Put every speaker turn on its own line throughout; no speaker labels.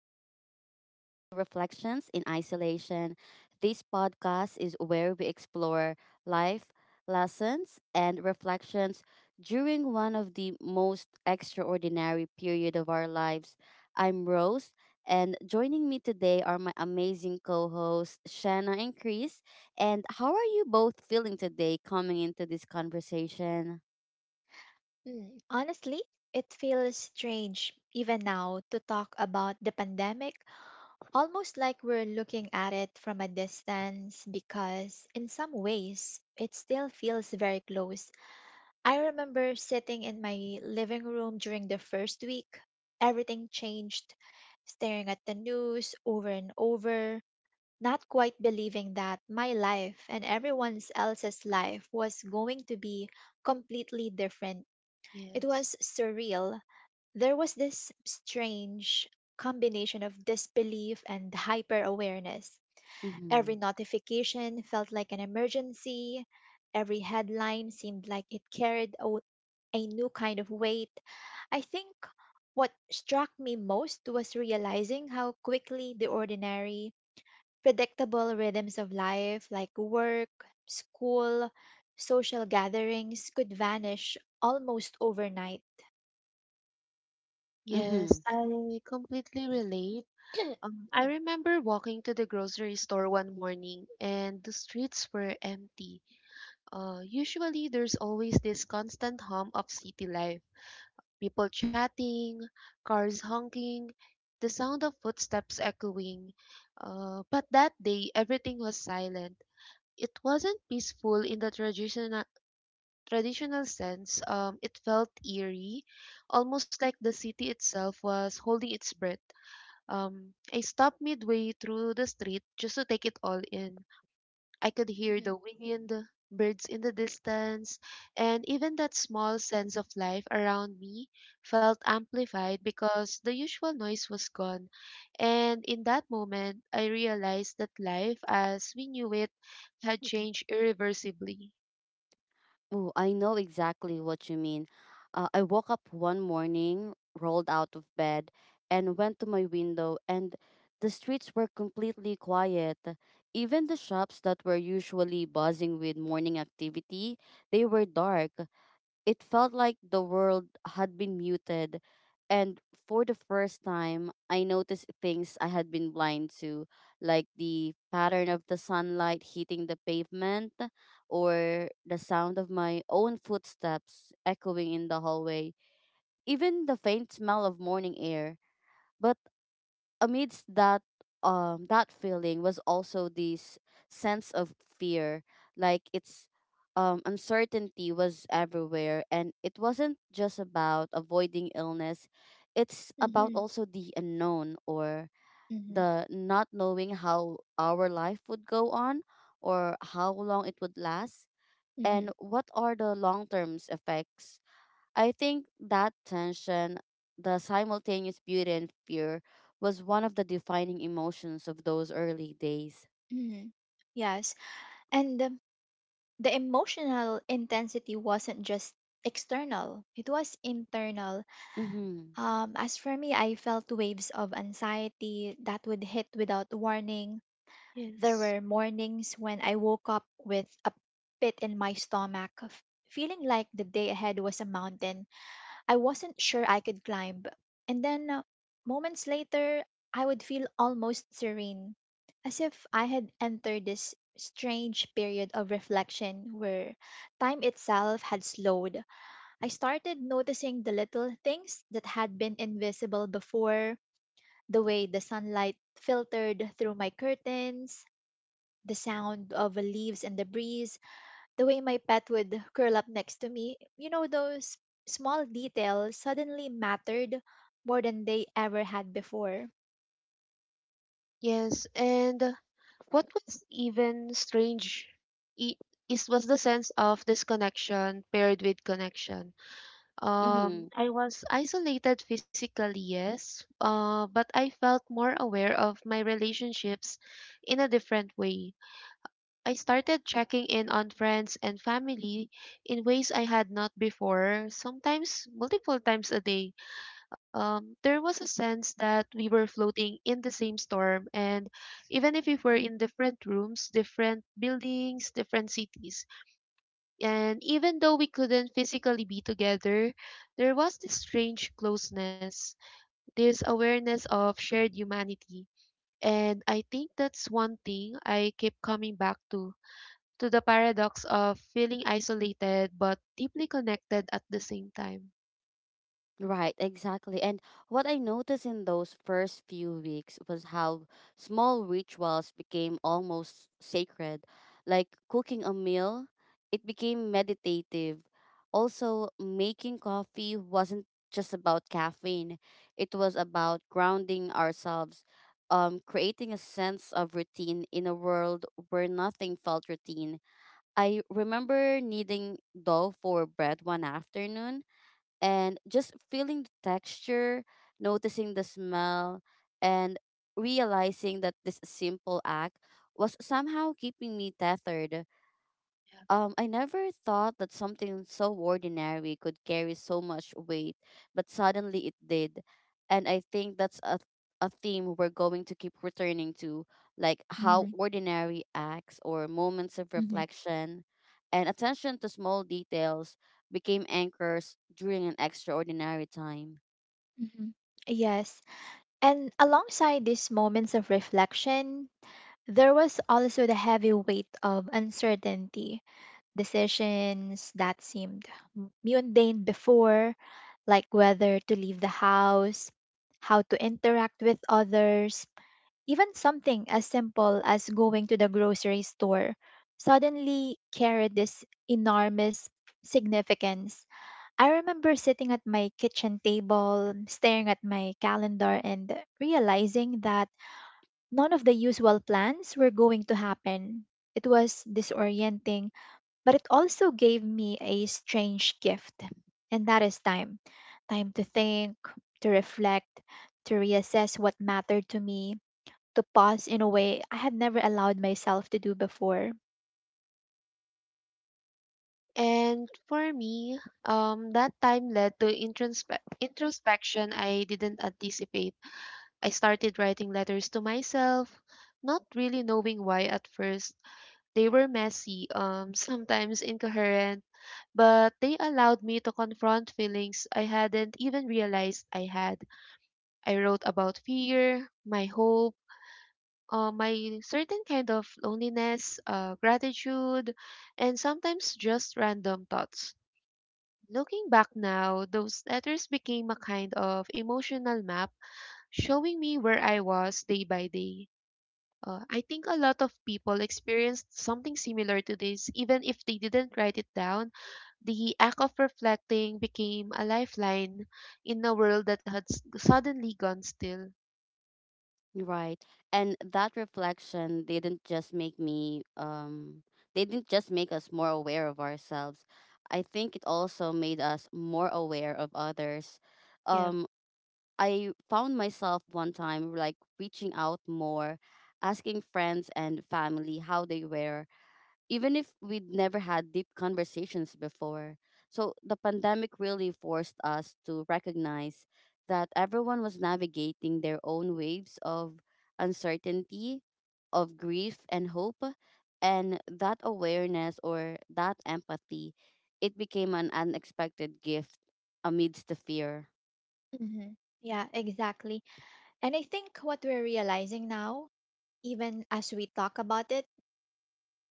and welcome to Reflections in Isolation. This podcast is where we explore life lessons and reflections during one of the most extraordinary period of our lives. I'm Rose, and joining me today are my amazing co-hosts Shanna and Chris. And how are you both feeling today coming into this conversation?
Honestly, it feels strange even now to talk about the pandemic, almost like we're looking at it from a distance because, in some ways, it still feels very close. I remember sitting in my living room during the first week. Everything changed, staring at the news over and over, not quite believing that my life and everyone else's life was going to be completely different. It was
Yes,
surreal. There was this strange combination of disbelief and hyper awareness.
Mm-hmm.
Every notification felt like an emergency, every headline seemed like it carried a new kind of weight. I think what struck me most was realizing how quickly the ordinary, predictable rhythms of life, like work, school, social gatherings, could vanish almost overnight.
Mm-hmm.
yes, I completely relate.
Mhm,
I remember walking to the grocery store one morning and the streets were empty. Usually there's always this constant hum of city life. People chatting, cars honking, the sound of footsteps echoing. But that day everything was silent. It wasn't peaceful in the traditional sense. It felt eerie, almost like the city itself was holding its breath. I stopped midway through the street just to take it all in. I could hear
mhm,
the wind, birds in the distance, and even that small sense of life around me felt amplified because the usual noise was gone. And in that moment, I realized that life as we knew it had changed irreversibly.
Oh, I know exactly what you mean. I woke up one morning, rolled out of bed, and went to my window, and the streets were completely quiet. Even the shops that were usually buzzing with morning activity, they were dark. It felt like the world had been muted, and for the first time, I noticed things I had been blind to, like the pattern of the sunlight hitting the pavement or the sound of my own footsteps echoing in the hallway, even the faint smell of morning air. But amidst that that feeling was also this sense of fear, like it's uncertainty was everywhere, and it wasn't just about avoiding illness, it's about
mhm,
also the unknown, or the not knowing how our life would go on or how long it would last, and
mhm,
what are the long term effects. I think that tension, the simultaneous beauty and fear, was one of the defining emotions of those early days.
mhm. Yes, and the emotional intensity wasn't just external, it was internal.
Mm-hmm.
As for me, I felt waves of anxiety that would hit without warning. There
Yes.
were mornings when I woke up with a pit in my stomach, feeling like the day ahead was a mountain I wasn't sure I could climb. And then, moments later, I would feel almost serene, as if I had entered this strange period of reflection where time itself had slowed. I started noticing the little things that had been invisible before, the way the sunlight filtered through my curtains, the sound of leaves in the breeze, the way my pet would curl up next to me, those small details suddenly mattered more than they ever had before.
Yes, and what was even strange i- is was the sense of disconnection paired with connection.
Mm-hmm.
I was isolated physically, yes, but I felt more aware of my relationships in a different way. I started checking in on friends and family in ways I had not before, sometimes multiple times a day. There was a sense that we were floating in the same storm. And even if we were in different rooms, different buildings, different cities, and even though we couldn't physically be together, there was this strange closeness, this awareness of shared humanity. And I think that's one thing I keep coming back to, the paradox of feeling isolated but deeply connected at the same time.
Right, exactly. And what I noticed in those first few weeks was how small rituals became almost sacred. Like cooking a meal, it became meditative. Also, making coffee wasn't just about caffeine, it was about grounding ourselves, creating a sense of routine in a world where nothing felt routine. I remember kneading dough for bread one afternoon and just feeling the texture, noticing the smell, and realizing that this simple act was somehow keeping me tethered. I never thought that something so ordinary could carry so much weight, but suddenly it did. And I think that's a theme we're going to keep returning to, like how
Mm-hmm.
ordinary acts or moments of
Mm-hmm.
reflection and attention to small details became anchors during an extraordinary time.
Mm-hmm. Yes. And alongside these moments of reflection, there was also the heavy weight of uncertainty, decisions that seemed mundane before, like whether to leave the house, how to interact with others. Even something as simple as going to the grocery store suddenly carried this enormous significance. I remember sitting at my kitchen table, staring at my calendar, and realizing that none of the usual plans were going to happen. It was disorienting, but it also gave me a strange gift, and that is time. Time to think, to reflect, to reassess what mattered to me, to pause in a way I had never allowed myself to do before.
And for me, that time led to introspection I didn't anticipate. I started writing letters to myself, not really knowing why at first. They were messy, sometimes incoherent, but they allowed me to confront feelings I hadn't even realized I had. I wrote about fear, my hope, my certain kind of loneliness, gratitude, and sometimes just random thoughts. Looking back now, those letters became a kind of emotional map showing me where I was day by day. I think a lot of people experienced something similar to this, even if they didn't write it down. The act of reflecting became a lifeline in a world that had suddenly gone still.
Right. And that reflection didn't just make me they didn't just make us more aware of ourselves. I think it also made us more aware of others.
Yeah.
Um I found myself one time like reaching out more, asking friends and family how they were, even if we'd never had deep conversations before. So the pandemic really forced us to recognize that everyone was navigating their own waves of uncertainty, of grief and hope, and that awareness or that empathy, it became an unexpected gift amidst the fear.
Mm-hmm. Yeah, exactly. And I think what we're realizing now, even as we talk about it,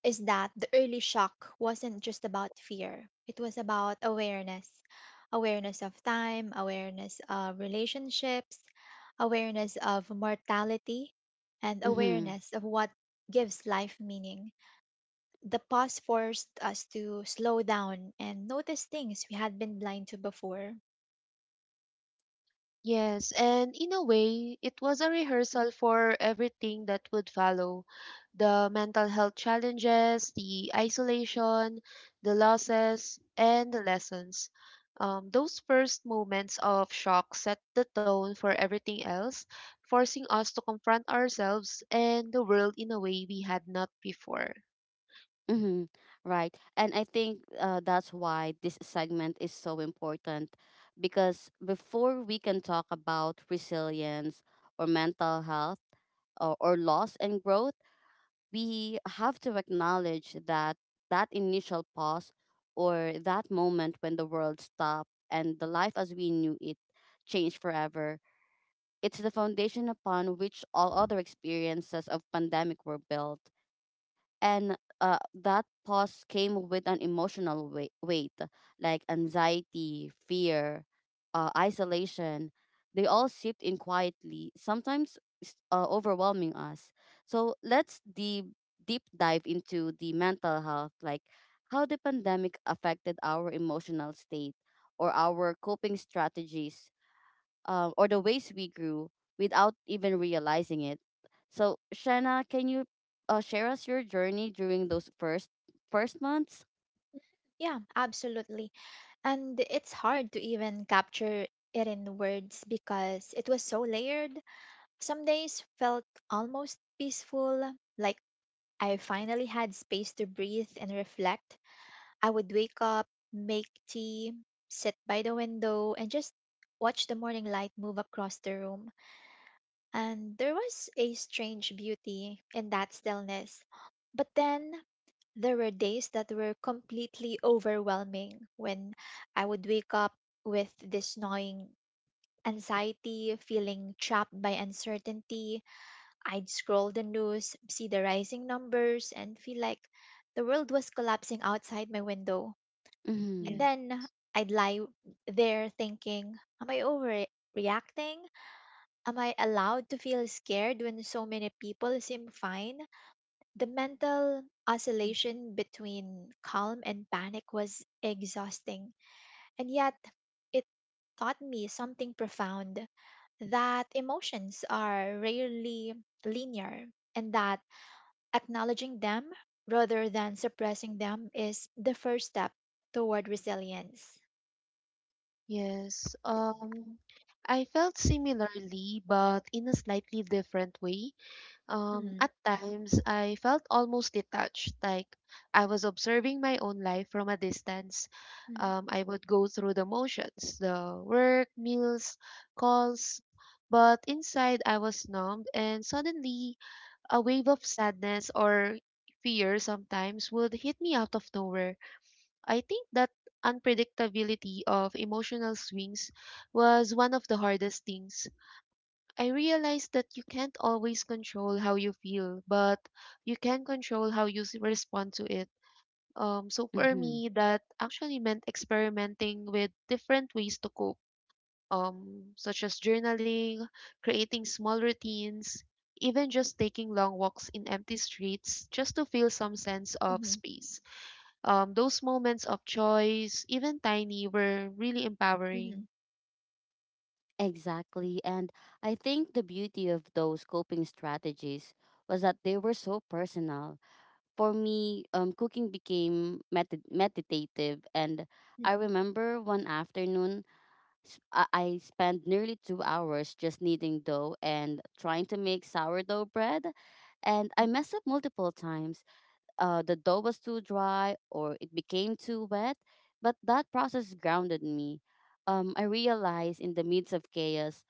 is that the early shock wasn't just about fear, it was about awareness, awareness of time, awareness of relationships, awareness of mortality, and
Mhm.
awareness of what gives life meaning. The pause forced us to slow down and notice things we had been blind to before.
Yes, and in a way, it was a rehearsal for everything that would follow, the mental health challenges, the isolation, the losses, and the lessons. Those first moments of shock set the tone for everything else, forcing us to confront ourselves and the world in a way we had not before.
Mm-hmm. Right. And I think that's why this segment is so important, because before we can talk about resilience or mental health or loss and growth, we have to acknowledge that that initial pause, or that moment when the world stopped and the life as we knew it changed forever. It's the foundation upon which all other experiences of pandemic were built, and that pause came with an emotional weight, like anxiety, fear, isolation. They all seeped in quietly, sometimes overwhelming us. So let's deep dive into the mental health, like how the pandemic affected our emotional state, or our coping strategies, or the ways we grew without even realizing it. So, Shanna, can you share us your journey during those first months?
Yeah, absolutely. And it's hard to even capture it in words because it was so layered. Some days felt almost peaceful, like I finally had space to breathe and reflect. I would wake up, make tea, sit by the window, and just watch the morning light move across the room. And there was a strange beauty in that stillness. But then there were days that were completely overwhelming, when I would wake up with this gnawing anxiety, feeling trapped by uncertainty. I'd scroll the news, see the rising numbers, and feel like the world was collapsing outside my window.
Yeah.
And
Mm-hmm.
then I'd lie there thinking, am I overreacting? Am I allowed to feel scared when so many people seem fine? The mental
Mhm.
oscillation between calm and panic was exhausting, and yet it taught me something profound, that emotions are rarely linear, and that acknowledging them rather than suppressing them is the first step toward resilience.
Yes, I felt similarly, but in a slightly different way. At
Mm,
times, I felt almost detached, like I was observing my own life from a distance.
mm,
I would go through the motions, the work, meals, calls, but inside I was numbed, and suddenly a wave of sadness or fear sometimes would hit me out of nowhere. I think that unpredictability of emotional swings was one of the hardest things. I realized that you can't always control how you feel, but you can control how you respond to it. So for
Mm-hmm.
me, that actually meant experimenting with different ways to cope, such as journaling, creating small routines, even just taking long walks in empty streets just to feel some sense of
mhm,
space. Those moments of choice, even tiny, were really
mhm,
empowering.
Exactly. And I think the beauty of those coping strategies was that they were so personal. For me, cooking became meditative. And I
mhm,
remember one afternoon I spent nearly 2 hours just kneading dough and trying to make sourdough bread. And I
mhm,
messed up multiple times. The dough was too dry or it became too wet, but that process grounded me. I realized in the midst of chaos,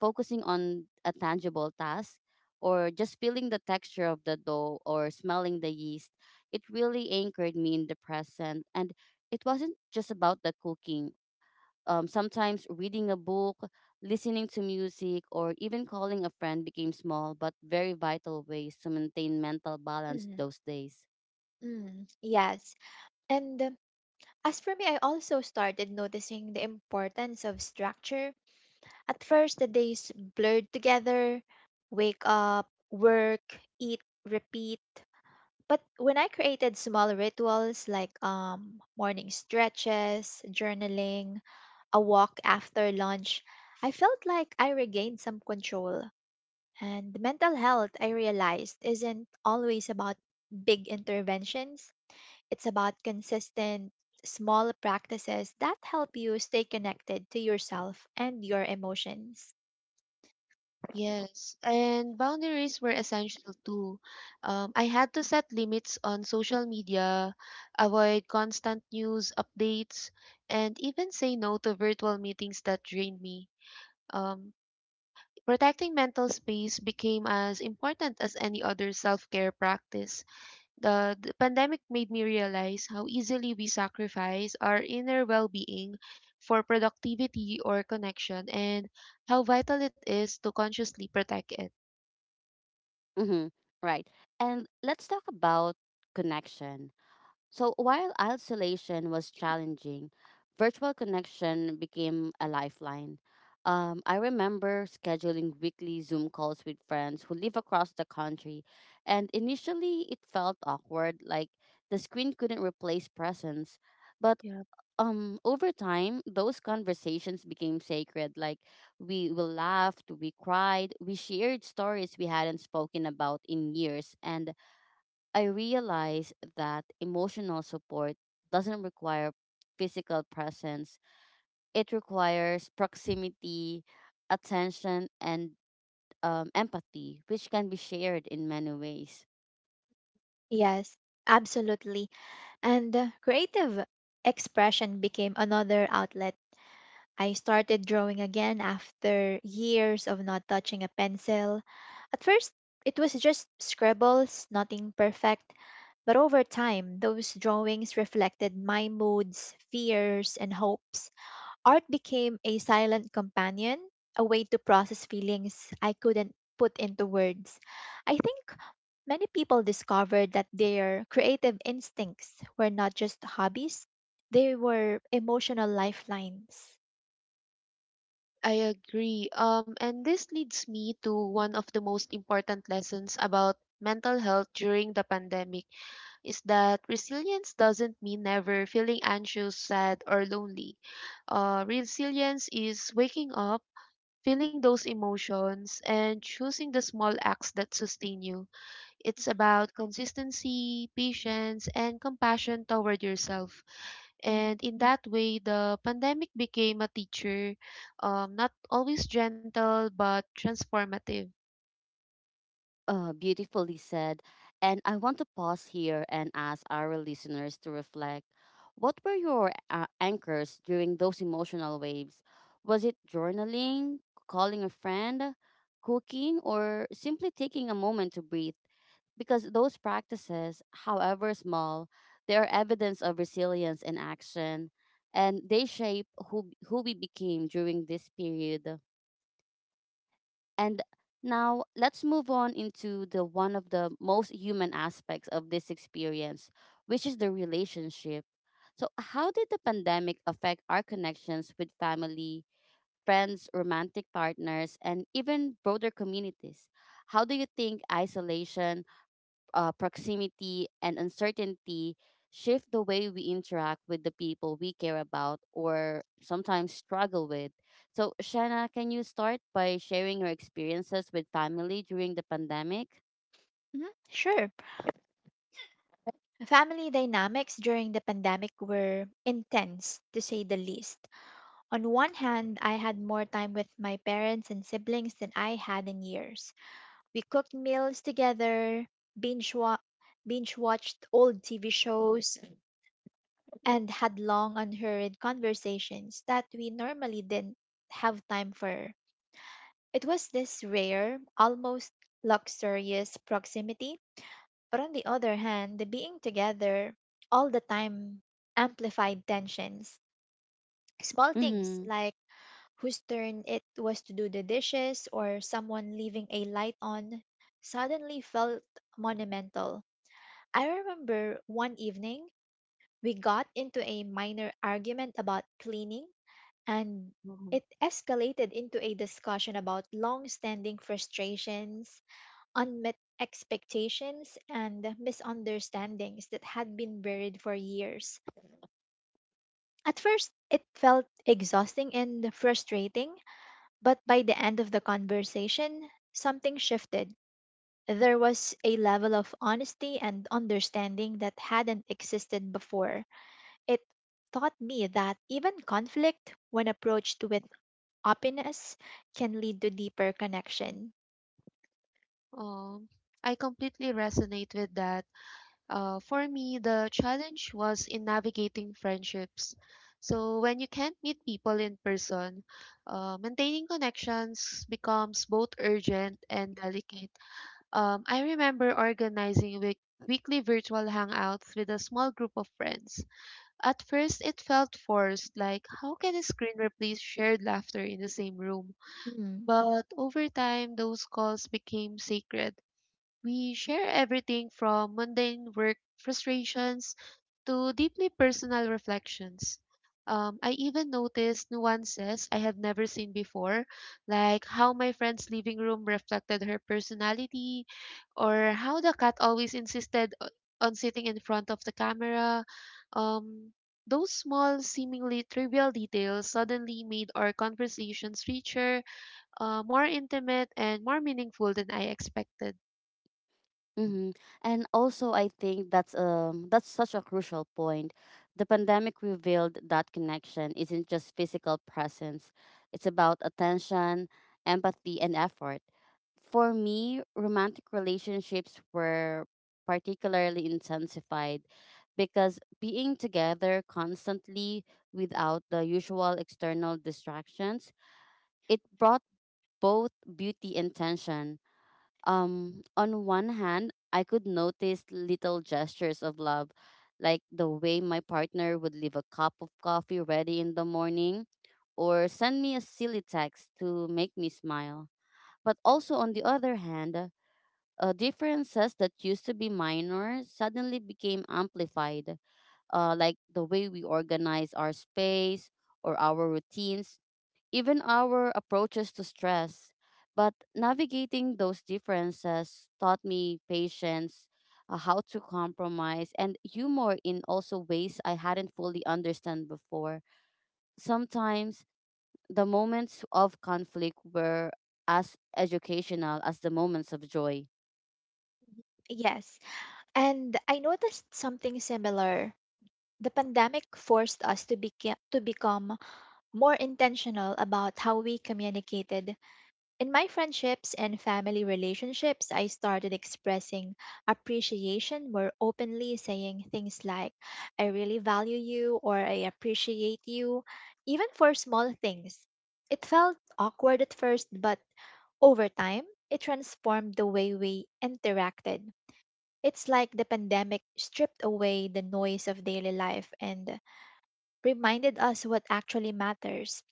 focusing on a tangible task, or just feeling the texture of the dough or smelling the yeast, it really anchored me in the present. And it wasn't just about the cooking. Sometimes reading a book, listening to music, or even calling a friend became small but very vital ways to maintain mental balance
mhm,
those days.
mm. Yes. And as for me, I also started noticing the importance of structure. At first, the days blurred together, wake up, work, eat, repeat. But when I created small rituals like morning stretches, journaling, a walk after lunch, I felt like I regained some control. And mental health, I realized, isn't always about big interventions, it's about consistent, small practices that help you stay connected to yourself and your emotions.
Yes, and boundaries were essential too. I had to set limits on social media, avoid constant news updates, and even say no to virtual meetings that drained me. Um, Protecting mental space became as important as any other self care practice. The pandemic made me realize how easily we sacrifice our inner well being for productivity or connection, and how vital it is to consciously protect it.
Mm-hmm. Right. And let's talk about connection. So while isolation was challenging, virtual connection became a lifeline. I remember scheduling weekly Zoom calls with friends who live across the country, and initially it felt awkward, like the screen couldn't replace presence. But
Yeah,
over time, those conversations became sacred. Like we laughed, we cried, we shared stories we hadn't spoken about in years, and I realized that emotional support doesn't require physical presence. It requires proximity, attention, and empathy, which can be shared in many ways.
Yes, absolutely. And creative expression became another outlet. I started drawing again after years of not touching a pencil. At first, it was just scribbles, nothing perfect, but over time, those drawings reflected my moods, fears, and hopes. Art became a silent companion, a way to process feelings I couldn't put into words. I think many people discovered that their creative instincts were not just hobbies, they were emotional lifelines.
I agree. And this leads me to one of the most important lessons about mental health during the pandemic, is that resilience doesn't mean never feeling anxious, sad, or lonely. Resilience is waking up, feeling those emotions, and choosing the small acts that sustain you. It's about consistency, patience, and compassion toward yourself.
Mhm.
And in that way, the pandemic became a teacher, not always gentle, but transformative.
Beautifully said. And I want to pause here and ask our listeners to reflect. What were your anchors during those emotional waves? Was it journaling, calling a friend, cooking, or simply taking a moment to breathe? Because those practices, however small, they are evidence of resilience and action, and they shape who we became during this period. And now let's move on into the one of the most human aspects of this experience, which is the relationship. So, how did the pandemic affect our connections with family, friends, romantic partners, and even broader communities? How do you think isolation, proximity and uncertainty shift the way we interact with the people we care about or sometimes struggle with. So, Shanna, can you start by sharing your experiences with family during the pandemic?
Mhm, sure. Family dynamics during the pandemic were intense, to say the least. On one hand, I had more time with my parents and siblings than I had in years. We cooked meals together, binge, wa- binge watched old TV shows, and had long, unhurried conversations that we normally didn't have time for. It was this rare, almost luxurious proximity. But on the other hand, the being together all the time amplified tensions. Small things
Mm-hmm.
like whose turn it was to do the dishes or someone leaving a light on suddenly felt monumental. I remember one evening we got into a minor argument about cleaning and it
Mhm.
escalated into a discussion about long standing frustrations, unmet expectations and misunderstandings that had been buried for years. At first, it felt exhausting and frustrating, but by the end of the conversation, something shifted. There was a level of honesty and understanding that hadn't existed before. It taught me that even conflict, when approached with openness, can lead to deeper connection.
Um, I completely resonate with that. For me, the challenge was in navigating friendships. So when you can't meet people in person, maintaining connections becomes both urgent and delicate. I remember organizing weekly virtual hangouts with a small group of friends. At first, it felt forced, like how can a screen replace shared laughter in the same room?
Mm,
But over time, those calls became sacred. We share everything from mundane work frustrations to deeply personal reflections. I even noticed nuances I had never seen before, like how my friend's living room reflected her personality, or how the cat always insisted on sitting in front of the camera. Um, those small, seemingly trivial details suddenly made our conversations richer, more intimate, and more meaningful than I expected.
Mm-hmm. And also, I think that's that's such a crucial point. The pandemic revealed that connection isn't just physical presence; it's about attention, empathy, and effort. For me, romantic relationships were particularly intensified, because being together constantly without the usual external distractions, it brought both beauty and tension. On one hand, I could notice little gestures of love, like the way my partner would leave a cup of coffee ready in the morning or send me a silly text to make me smile. But also, on the other hand, differences that used to be minor suddenly became amplified, like the way we organize our space or our routines, even our approaches to stress. But navigating those differences taught me patience, how to compromise, and humor in also ways I hadn't fully understood before. Sometimes the moments of conflict were as educational as the moments of joy.
Yes. And I noticed something similar. The pandemic forced us to become more intentional about how we communicated. In my friendships and family relationships, I started expressing appreciation more openly, saying things like, I really value you or I appreciate you, even for small things. It felt awkward at first, but over time, it transformed the way we interacted. It's like the pandemic stripped away the noise of daily life and reminded us what actually matters.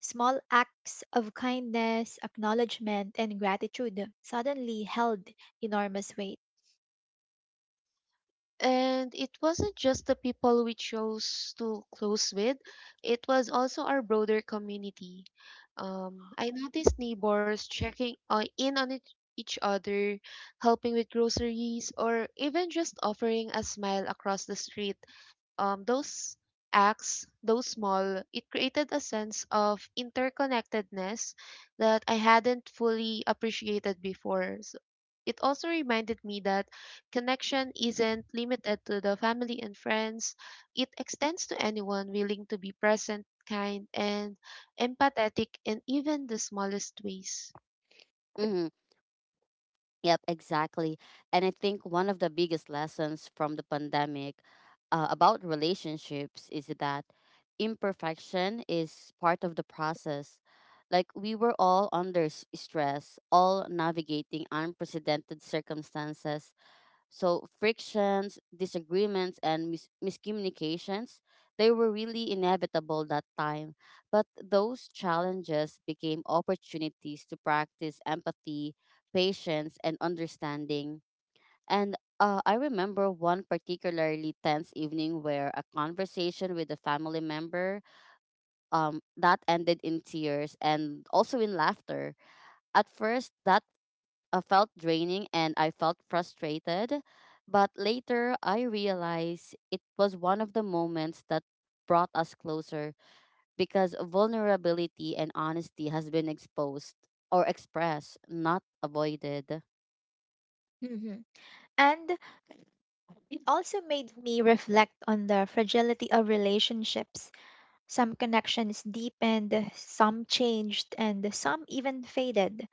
Small acts of kindness, acknowledgement, and gratitude suddenly held enormous weight.
And it wasn't just the people we chose to close with, it was also our broader community. I noticed neighbors checking in on each other, helping with groceries, or even just offering a smile across the street. Those acts, those small, it created a sense of interconnectedness that I hadn't fully appreciated before. So it also reminded me that connection isn't limited to the family and friends. It extends to anyone willing to be present, kind, and empathetic in even the smallest ways.
Mhm. Yep, exactly. And I think one of the biggest lessons from the pandemic, about relationships, is that imperfection is part of the process. Like we were all under stress, all navigating unprecedented circumstances, so frictions, disagreements, and miscommunications, they were really inevitable that time. But those challenges became opportunities to practice empathy, patience, and understanding. And I remember one particularly tense evening where a conversation with a family member that ended in tears and also in laughter. At first, that felt draining and I felt frustrated. But later, I realized it was one of the moments that brought us closer, because vulnerability and honesty has been exposed or expressed, not avoided.
Mhm. And it also made me reflect on the fragility of relationships. Some connections deepened, some changed, and some even faded.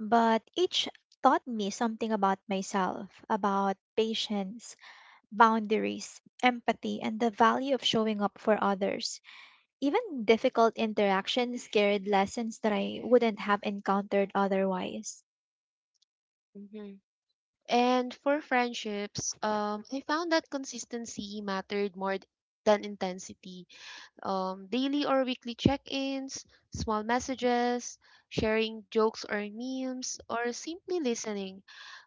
But each taught me something about myself, about patience, boundaries, empathy, and the value of showing up for others. Even difficult interactions carried lessons that I wouldn't have encountered otherwise.
hmm And for friendships, I found that consistency mattered more than intensity. Daily or weekly check ins, small messages, sharing jokes or memes, or simply listening.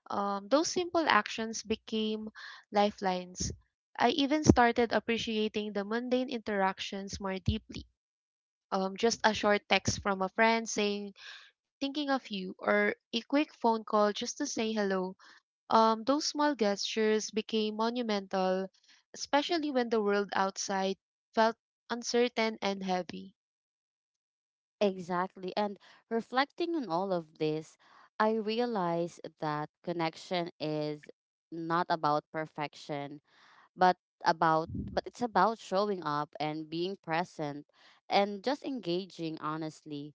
Those simple actions became lifelines. I even started appreciating the mundane interactions more deeply. Just a short text from a friend saying, thinking of you, or a quick phone call just to say hello. Those small gestures became monumental, especially when the world outside felt uncertain and heavy.
Exactly. And reflecting on all of this, I realized that connection is not about perfection, but about but it's about showing up and being present, and just engaging honestly,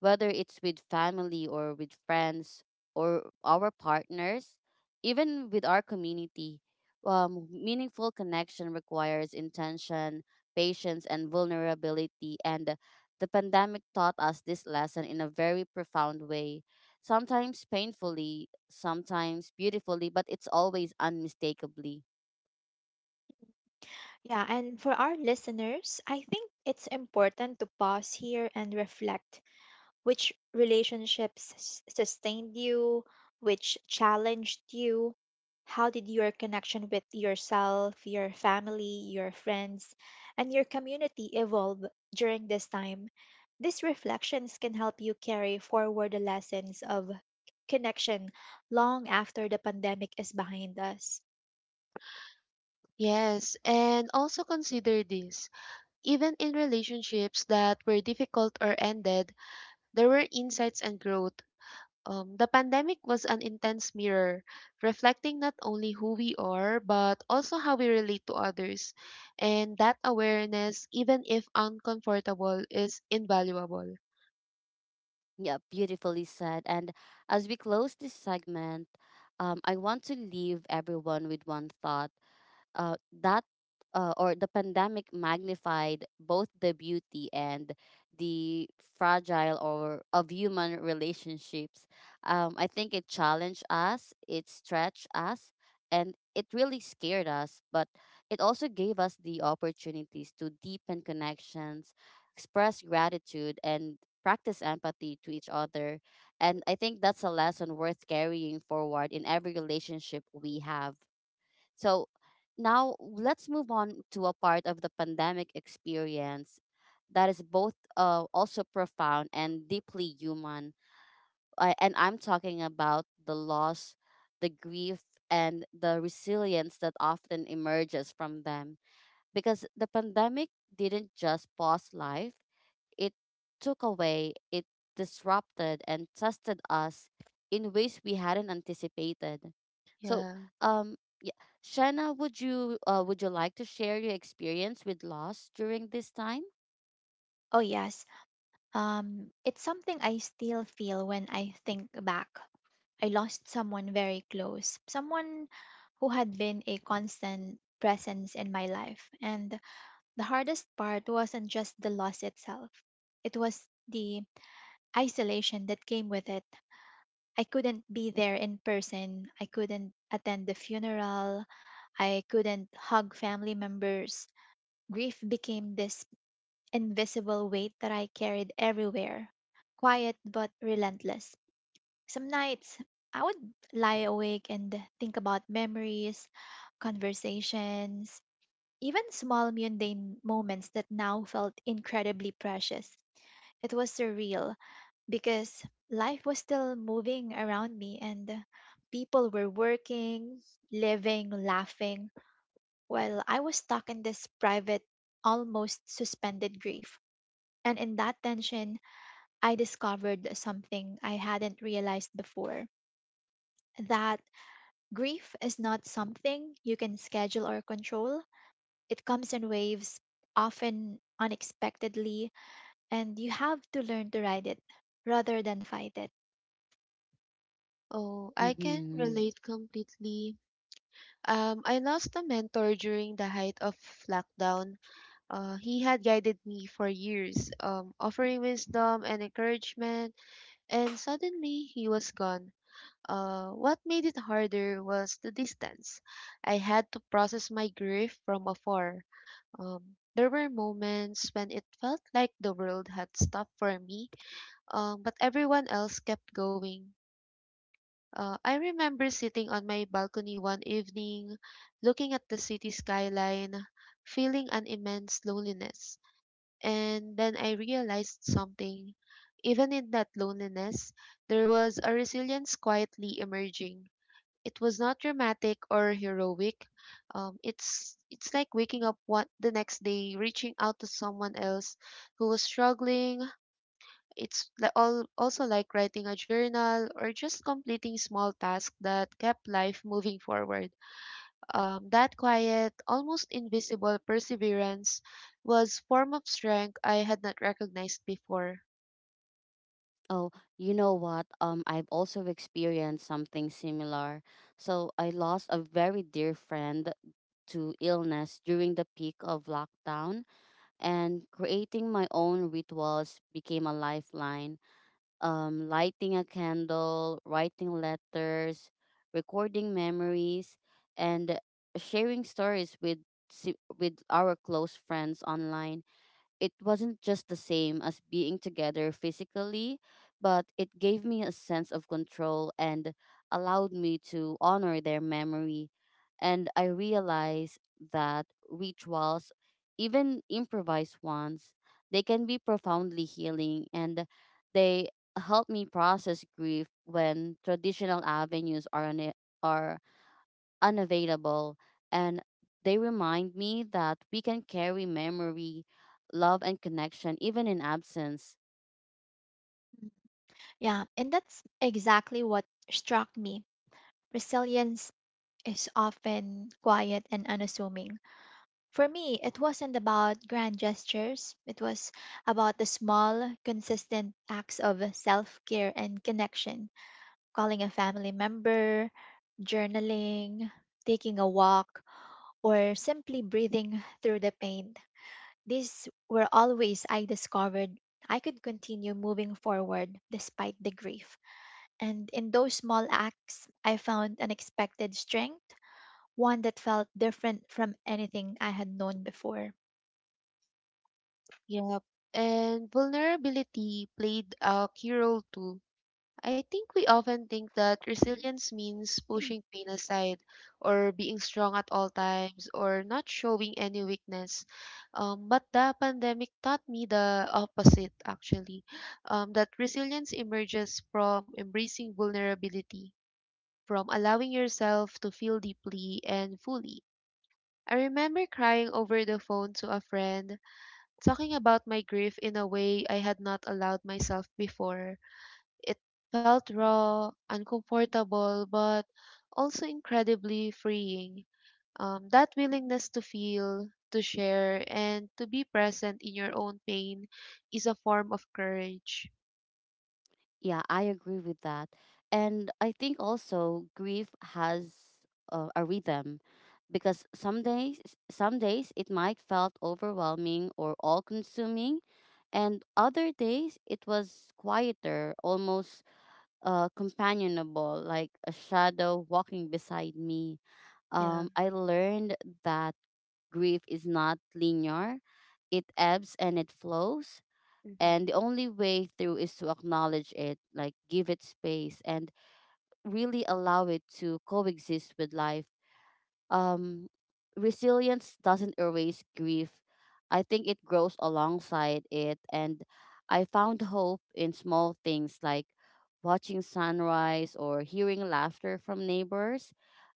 whether it's with family or with friends or our partners, even with our community. Meaningful connection requires intention, patience, and vulnerability, and the pandemic taught us this lesson in a very profound way, sometimes painfully, sometimes beautifully, but it's always unmistakably.
Yeah, and for our listeners, I think it's important to pause here and reflect, sustained you, which challenged you, how did your connection with yourself, your family, your friends, and your community evolve during this time? These reflections can help you carry forward the lessons of connection long after the pandemic is behind us.
Yes, and also consider this. Even in relationships that were difficult or ended, there were insights and growth. The pandemic was an intense mirror, reflecting not only who we are, but also how we relate to others. And that awareness, even if uncomfortable, is invaluable.
Yeah, beautifully said. And as we close this segment, I want to leave everyone with one thought, uh, that or the pandemic magnified both the beauty and the fragile or of human relationships. I think it challenged us, it stretched us, and it really scared us. But it also gave us the opportunities to deepen connections, express gratitude, and practice empathy to each other. And I think that's a lesson worth carrying forward in every relationship we have. So now let's move on to a part of the pandemic experience that is both also profound and deeply human. I'm talking about the loss, the grief, and the resilience that often emerges from them. Because the pandemic didn't just pause life, it took away, it disrupted, and tested us in ways we hadn't anticipated. So,
Yeah.
um, yeah, Shanna, would you like to share your experience with loss during this time?
Oh, yes. It's something I still feel when I think back. I lost someone very close, someone who had been a constant presence in my life. And the hardest part wasn't just the loss itself, it was the isolation that came with it. I couldn't be there in person, I couldn't attend the funeral, I couldn't hug family members. Grief became this invisible weight that I carried everywhere, quiet but relentless. Some nights I would lie awake and think about memories, conversations, even small mundane moments that now felt incredibly precious. It was surreal because life was still moving around me and people were working, living, laughing, while I was stuck in this private, almost suspended grief. And in that tension, I discovered something I hadn't realized before, that grief is not something you can schedule or control. It comes in waves, often unexpectedly, and you have to learn to ride it rather than fight it.
Oh, I can
Mm-hmm.
relate completely. I lost a mentor during the height of lockdown. He had guided me for years, offering wisdom and encouragement, and suddenly he was gone. What made it harder was the distance. I had to process my grief from afar. There were moments when it felt like the world had stopped for me, but everyone else kept going. I remember sitting on my balcony one evening, looking at the city skyline, feeling an immense loneliness. And then I realized something. Even in that loneliness, there was a resilience quietly emerging. It was not dramatic or heroic. It's like waking up one, the next day, reaching out to someone else who was struggling. It's also like writing a journal or just completing small tasks that kept life moving forward. That quiet, almost invisible perseverance was form of strength I had not recognized before.
Oh, you know what? I've also experienced something similar. So I lost a very dear friend to illness during the peak of lockdown, and creating my own rituals became a lifeline. Lighting a candle, writing letters, recording memories, and sharing stories with with our close friends online. It wasn't just the same as being together physically, but it gave me a sense of control and allowed me to honor their memory. And I realized that rituals, even improvised ones, they can be profoundly healing and they help me process grief when traditional avenues are, are unavailable, and they remind me that we can carry memory, love, and connection even in absence.
Yeah, and that's exactly what struck me. Resilience is often quiet and unassuming. For me, it wasn't about grand gestures. It was about the small, consistent acts of self care and connection. Calling a family member, journaling, taking a walk, or simply breathing through the pain. These were always I discovered I could continue moving forward despite the grief. And in those small acts, I found unexpected strength, one that felt different from anything I had known before.
Yep. And vulnerability played a key role too. I think we often think that resilience means pushing pain aside or being strong at all times or not showing any weakness. But the pandemic taught me the opposite, actually, that resilience emerges from embracing vulnerability, from allowing yourself to feel deeply and fully. I remember crying over the phone to a friend, talking about my grief in a way I had not allowed myself before. It felt raw, uncomfortable, but also incredibly freeing. That willingness to feel, to share, and to be present in your own pain is a form of courage.
Yeah, I agree with that. And I think also grief has a rhythm because some days it might felt overwhelming or all consuming and other days it was quieter, almost companionable, like a shadow walking beside me.
Yeah.
I learned that grief is not linear, it ebbs and it flows.
hmm.
And the only way through is to acknowledge it, like give it space and really allow it to coexist with life. um, Resilience doesn't erase grief. I think it grows alongside it. And I found hope in small things, like watching sunrise or hearing laughter from neighbors,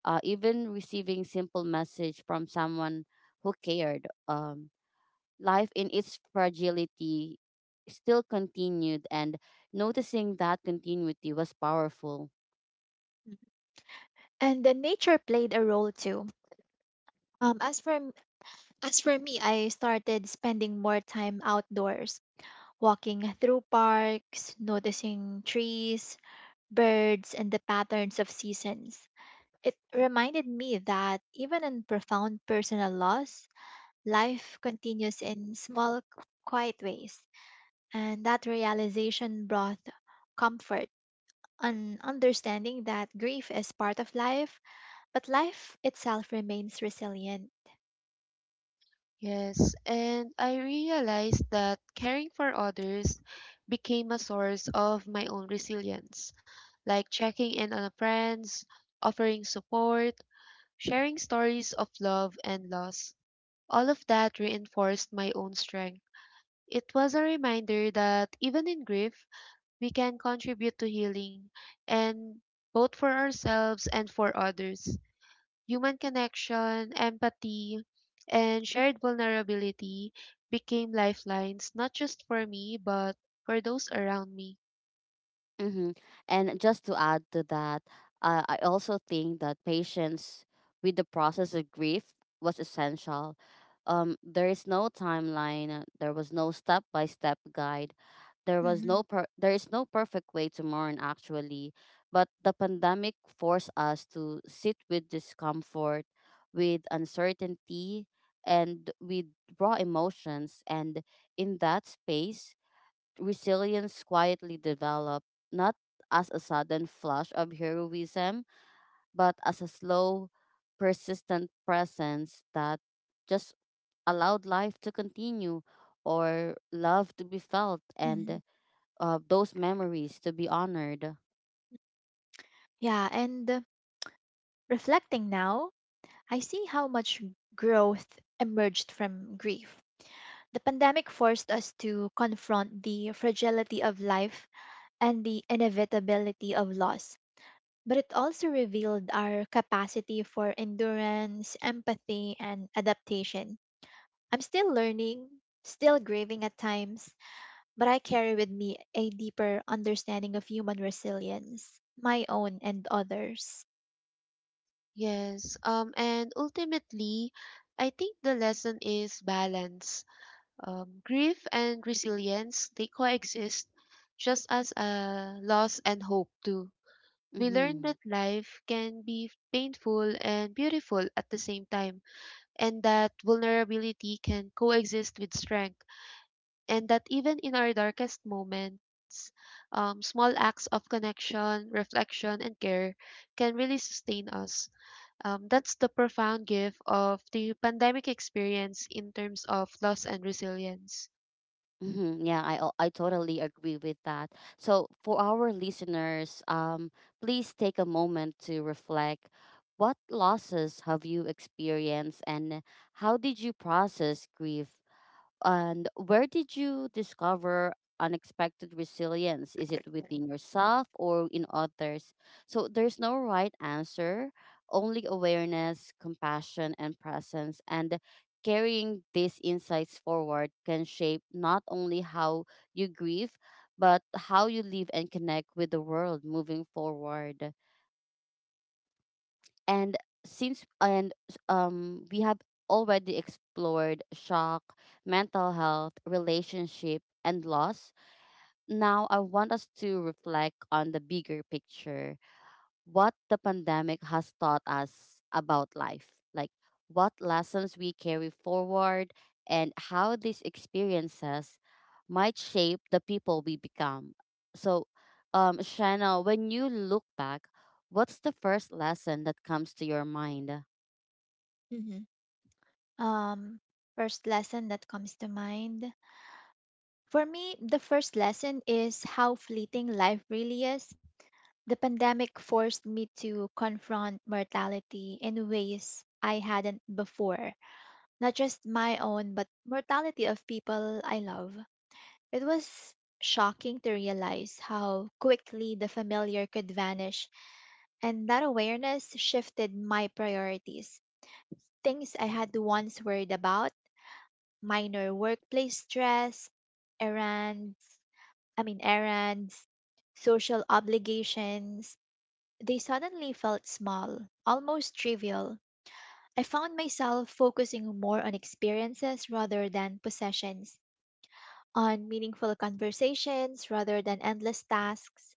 even receiving simple message from someone who cared. Life in its fragility still continued, and noticing that continuity was powerful.
And then nature played a role too. Um, as for m- as for me, I started spending more time outdoors, walking through parks, noticing trees, birds, and the patterns of seasons. It reminded me that even in profound personal loss, life continues in small, quiet ways, and that realization brought comfort. An understanding that grief is part of life, but life itself remains resilient.
Yes, and I realized that caring for others became a source of my own resilience, like checking in on friends, offering support, sharing stories of love and loss. All of that reinforced my own strength. It was a reminder that even in grief, we can contribute to healing, and both for ourselves and for others. Human connection, empathy, and shared vulnerability became lifelines, not just for me, but for those around me.
Mm-hmm. And just to add to that, I also think that patience with the process of grief was essential. There is no timeline. There was no step-by-step guide. There was
Mhm.
no per- there is no perfect way to mourn, actually, but the pandemic forced us to sit with discomfort, with uncertainty, and with raw emotions. And in that space, resilience quietly developed, not as a sudden flash of heroism, but as a slow, persistent presence that just allowed life to continue, or love to be felt, and
Mhm.
those memories to be honored.
Yeah, and reflecting now, I see how much growth emerged from grief. The pandemic forced us to confront the fragility of life and the inevitability of loss, but it also revealed our capacity for endurance, empathy, and adaptation. I'm still learning, still grieving at times, but I carry with me a deeper understanding of human resilience, my own and others.
Yes, and ultimately, I think the lesson is balance. Grief and resilience, they coexist just as loss and hope do. We learn
Mm-hmm.
that life can be painful and beautiful at the same time, and that vulnerability can coexist with strength, and that even in our darkest moments, small acts of connection, reflection, and care can really sustain us. That's the profound gift of the pandemic experience in terms of loss and resilience.
Mm-hmm. Yeah, I totally agree with that. So for our listeners, please take a moment to reflect. What losses have you experienced, and how did you process grief? And where did you discover unexpected resilience? Is it within yourself or in others? So there's no right answer, only awareness, compassion, and presence. And carrying these insights forward can shape not only how you grieve, but how you live and connect with the world moving forward. And since and We have already explored shock, mental health, relationship, and loss. Now I want us to reflect on the bigger picture, what the pandemic has taught us about life, like what lessons we carry forward, and how these experiences might shape the people we become. So, Shanna, when you look back, what's the first lesson that comes to your mind?
hmm Um, first lesson that comes to mind, for me, the first lesson is how fleeting life really is. The pandemic forced me to confront mortality in ways I hadn't before, not just my own, but mortality of people I love. It was shocking to realize how quickly the familiar could vanish, and that awareness shifted my priorities. Things I had once worried about, minor workplace stress, errands, errands, social obligations, they suddenly felt small, almost trivial. I found myself focusing more on experiences rather than possessions, on meaningful conversations rather than endless tasks,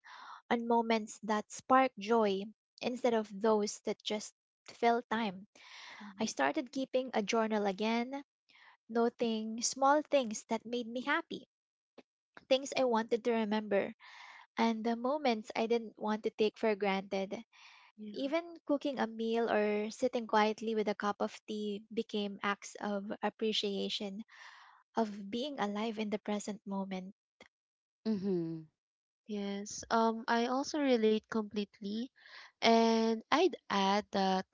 on moments that spark joy instead of those that just fill time. I
Mhm.
started keeping a journal again, noting small things that made me happy, things I wanted to remember and the moments I didn't want to take for granted.
Yeah.
Even cooking a meal or sitting quietly with a cup of tea became acts of appreciation, of being alive in the present moment.
Mm-hmm.
Yes. I also relate completely. And I'd add that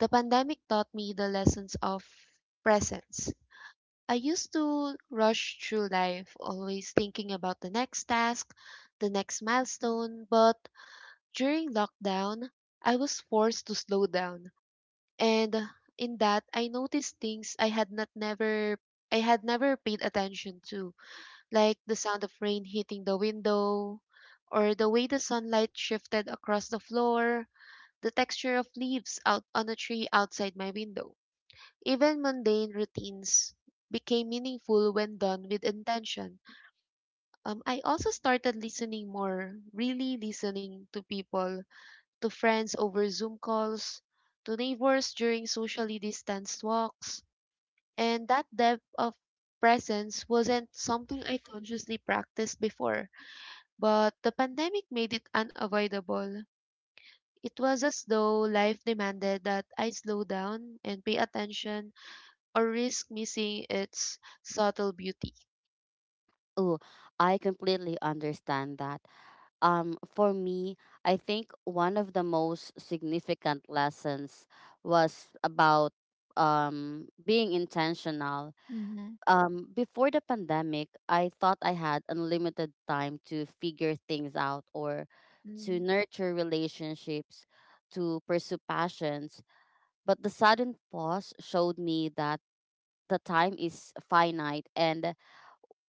the pandemic taught me the lessons of presence. I used to rush through life, always thinking about the next task, the next milestone. But during lockdown, I was forced to slow down. And in that, I noticed things I had never paid attention to, like the sound of rain hitting the window, or the way the sunlight shifted across the floor, the texture of leaves out on a tree outside my window. Even mundane routines became meaningful when done with intention. I also started listening more, really listening to people, to friends over Zoom calls, to neighbors during socially distanced walks, and that depth of presence wasn't something I consciously practiced before, but the pandemic made it unavoidable. It was as though life demanded that I slow down and pay attention or risk missing its subtle beauty.
Oh, I completely understand that. Um, for me, I think one of the most significant lessons was about being intentional.
Mm-hmm.
Before the pandemic, I thought I had unlimited time to figure things out, or to
Mm-hmm.
nurture relationships, to pursue passions. But the sudden pause showed me that the time is finite, and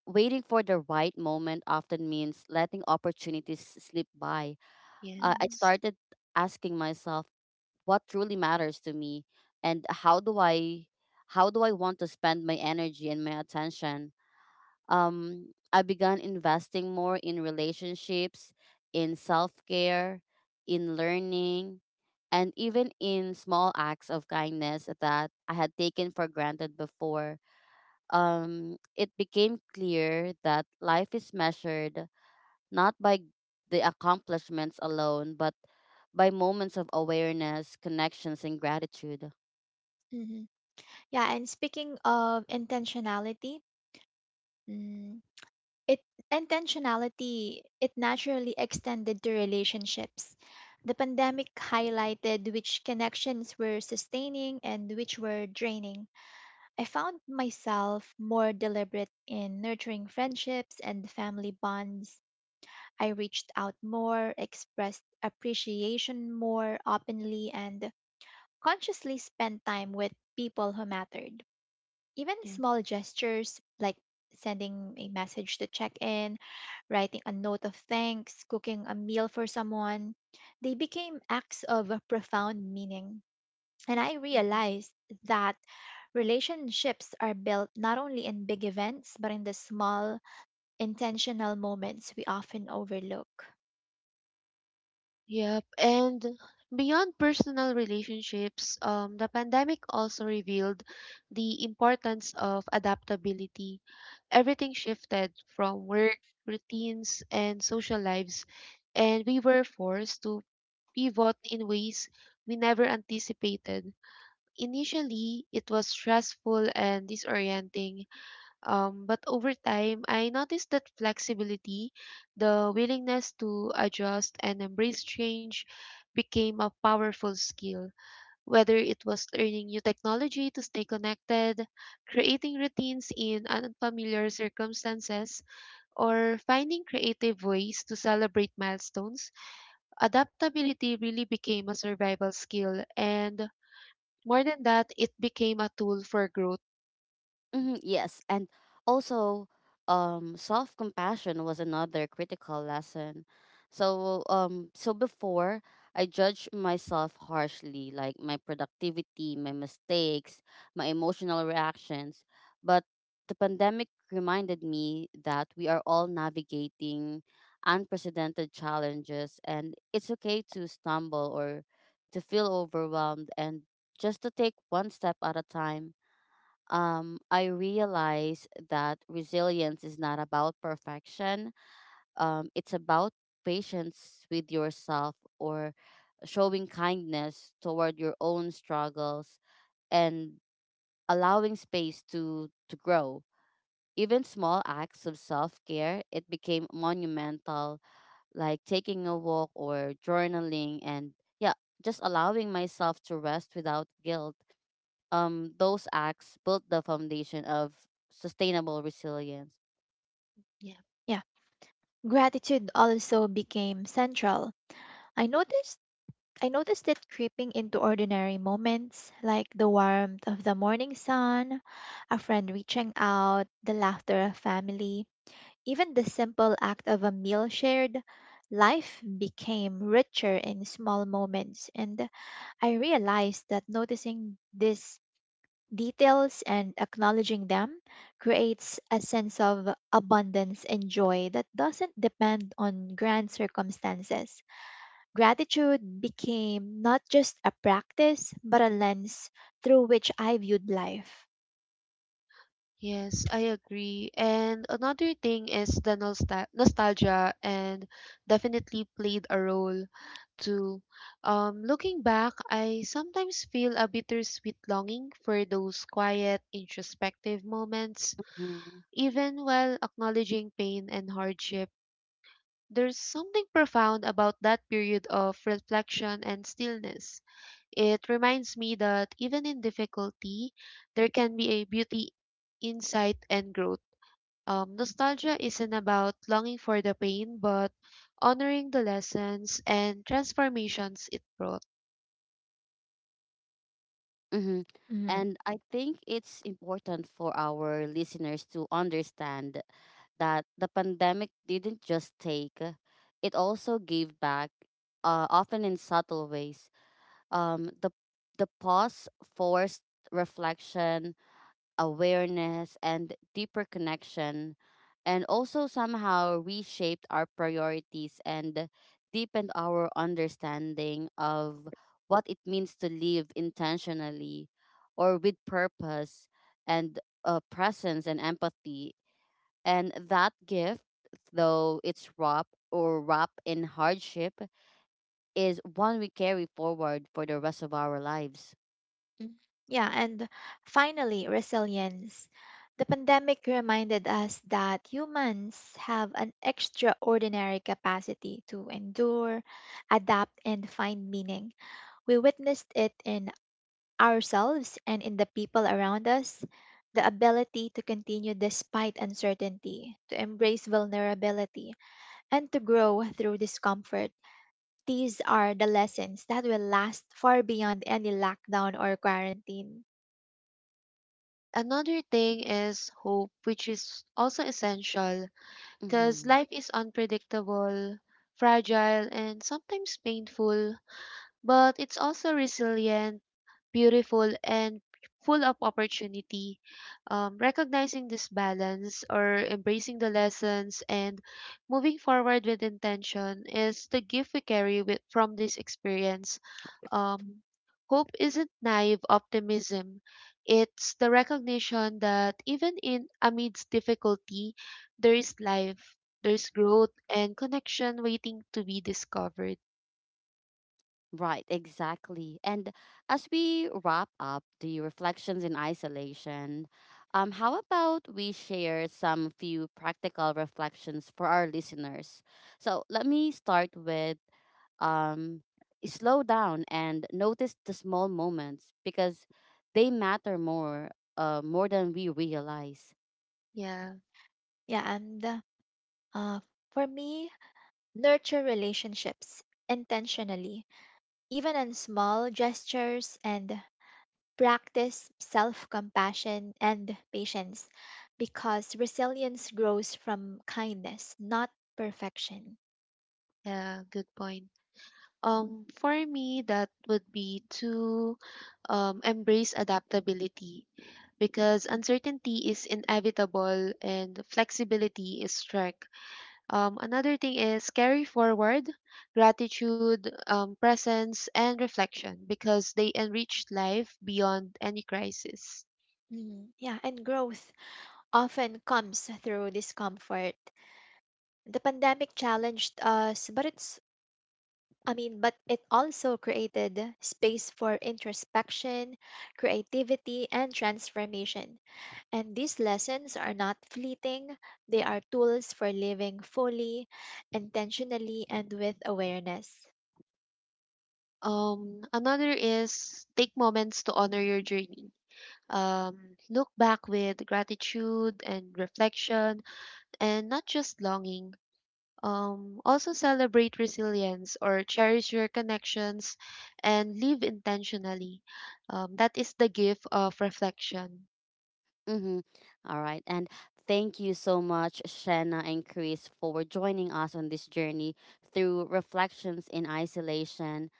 waiting for the right moment often means letting opportunities slip by. I
Mm-hmm.
Yes.
started asking myself what truly matters to me, and how do I want to spend my energy and my attention. I began investing more in relationships, in self care, in learning, and even in small acts of kindness that I had taken for granted before. It became clear that life is measured not by the accomplishments alone, but by moments of awareness, connections, and gratitude.
Mm-hmm. Yeah, and speaking of intentionality, mm, it intentionality it naturally extended to relationships. The pandemic highlighted which connections were sustaining and which were draining. I found myself more deliberate in nurturing friendships and family bonds. I reached out more, expressed appreciation more openly, and consciously spent time with people who mattered. Even
Yeah.
small gestures like sending a message to check in, writing a note of thanks, cooking a meal for someone, they became acts of profound meaning. And I
Mhm.
realized that relationships are built not only in big events, but in the small, intentional moments we often overlook.
Yep. And beyond personal relationships, the pandemic also revealed the importance of adaptability. Everything shifted from work, routines, and social lives, and we were forced to pivot in ways we never anticipated. Initially, it was stressful and disorienting, but over time, I noticed that flexibility, the willingness to adjust and embrace change, became a powerful skill. Whether it was learning new technology to stay connected, creating routines in unfamiliar circumstances, or finding creative ways to celebrate milestones, adaptability really became a survival skill. And more than that, it became a tool for growth.
Hmm, yes, and also, self compassion was another critical lesson. So before, I judged myself harshly, like my productivity, my mistakes, my emotional reactions, but the pandemic reminded me that we are all navigating unprecedented challenges, and it's okay to stumble or to feel overwhelmed, and just to take one step at a time. I realize that resilience is not about perfection. It's about patience with yourself, or showing kindness toward your own struggles, and allowing space to grow. Even small acts of self care, it became monumental, like taking a walk or journaling, and yeah, just allowing myself to rest without guilt. Those acts built the foundation of sustainable resilience.
Yeah. Gratitude also became central. I noticed I noticed it creeping into ordinary moments like the warmth of the morning sun, a friend reaching out, the laughter of family, even the simple act of a meal shared. Life became richer in small moments and I realized that noticing these details and acknowledging them creates a sense of abundance and joy that doesn't depend on grand circumstances. Gratitude became not just a practice, but a lens through which I viewed life.
Yes, I agree. And another thing is the nostalgia and definitely played a role too. Looking back, I sometimes feel a bittersweet longing for those quiet, introspective moments,
Mhm.
even while acknowledging pain and hardship. There's something profound about that period of reflection and stillness. It reminds me that even in difficulty, there can be a beauty, insight, and growth. Nostalgia isn't about longing for the pain, but honoring the lessons and transformations it brought.
Mm-hmm.
Mhm.
And I think it's important for our listeners to understand that the pandemic didn't just take, it also gave back, often in subtle ways. Um, the, the pause forced reflection, awareness, and deeper connection, and also somehow reshaped our priorities and deepened our understanding of what it means to live intentionally, or with purpose and presence and empathy. And that gift, though it's wrapped in hardship, is one we carry forward for the rest of our lives.
Mm. Yeah, and finally, resilience. The pandemic reminded us that humans have an extraordinary capacity to endure, adapt, and find meaning. We witnessed it in ourselves and in the people around us. The ability to continue despite uncertainty, to embrace vulnerability, and to grow through discomfort. These are the lessons that will last far beyond any lockdown or quarantine.
Another thing is hope, which is also essential because
Mhm.
life is unpredictable, fragile, and sometimes painful, but it's also resilient, beautiful, and full of opportunity. Recognizing this balance or embracing the lessons and moving forward with intention is the gift we carry with, from this experience. Um, Hope isn't naive optimism. It's the recognition that even in amidst difficulty, there is life, there's growth and connection waiting to be discovered.
Right, exactly. And as we wrap up the reflections in isolation, how about we share some few practical reflections for our listeners? So let me start with, um, slow down and notice the small moments because they matter more, more than we realize.
Yeah,
Yeah, and uh, for me, nurture relationships intentionally, even in small gestures, and practice self compassion and patience because resilience grows from kindness, not perfection.
yeah, good point. For me, that would be to embrace adaptability because uncertainty is inevitable and flexibility is strength. Another thing is carry forward gratitude, presence, and reflection because they enrich life beyond any crisis.
Mhm. Yeah, and growth often comes through discomfort. The pandemic challenged us, but it also created space for introspection, creativity, and transformation. And these lessons are not fleeting, they are tools for living fully, intentionally, and with awareness.
Another is take moments to honor your journey. Um, Look back with gratitude and reflection and not just longing. Also celebrate resilience or cherish your connections and live intentionally. That is the gift of reflection.
Mm-hmm. All right. And thank you so much, Shanna and Chris, for joining us on this journey through reflections in isolation.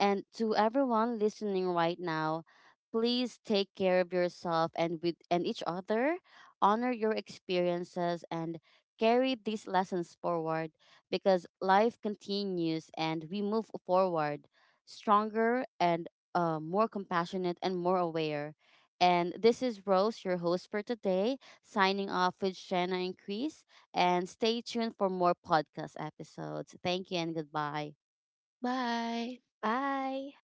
And to everyone listening right now, please take care of yourself and with and each other. Honor your experiences and carry these lessons forward, because life continues and we move forward stronger and more compassionate and more aware. And this is Rose, your host for today, signing off with Shanna and Chris. And stay tuned for more podcast episodes. Thank you and goodbye.
Bye.
Bye!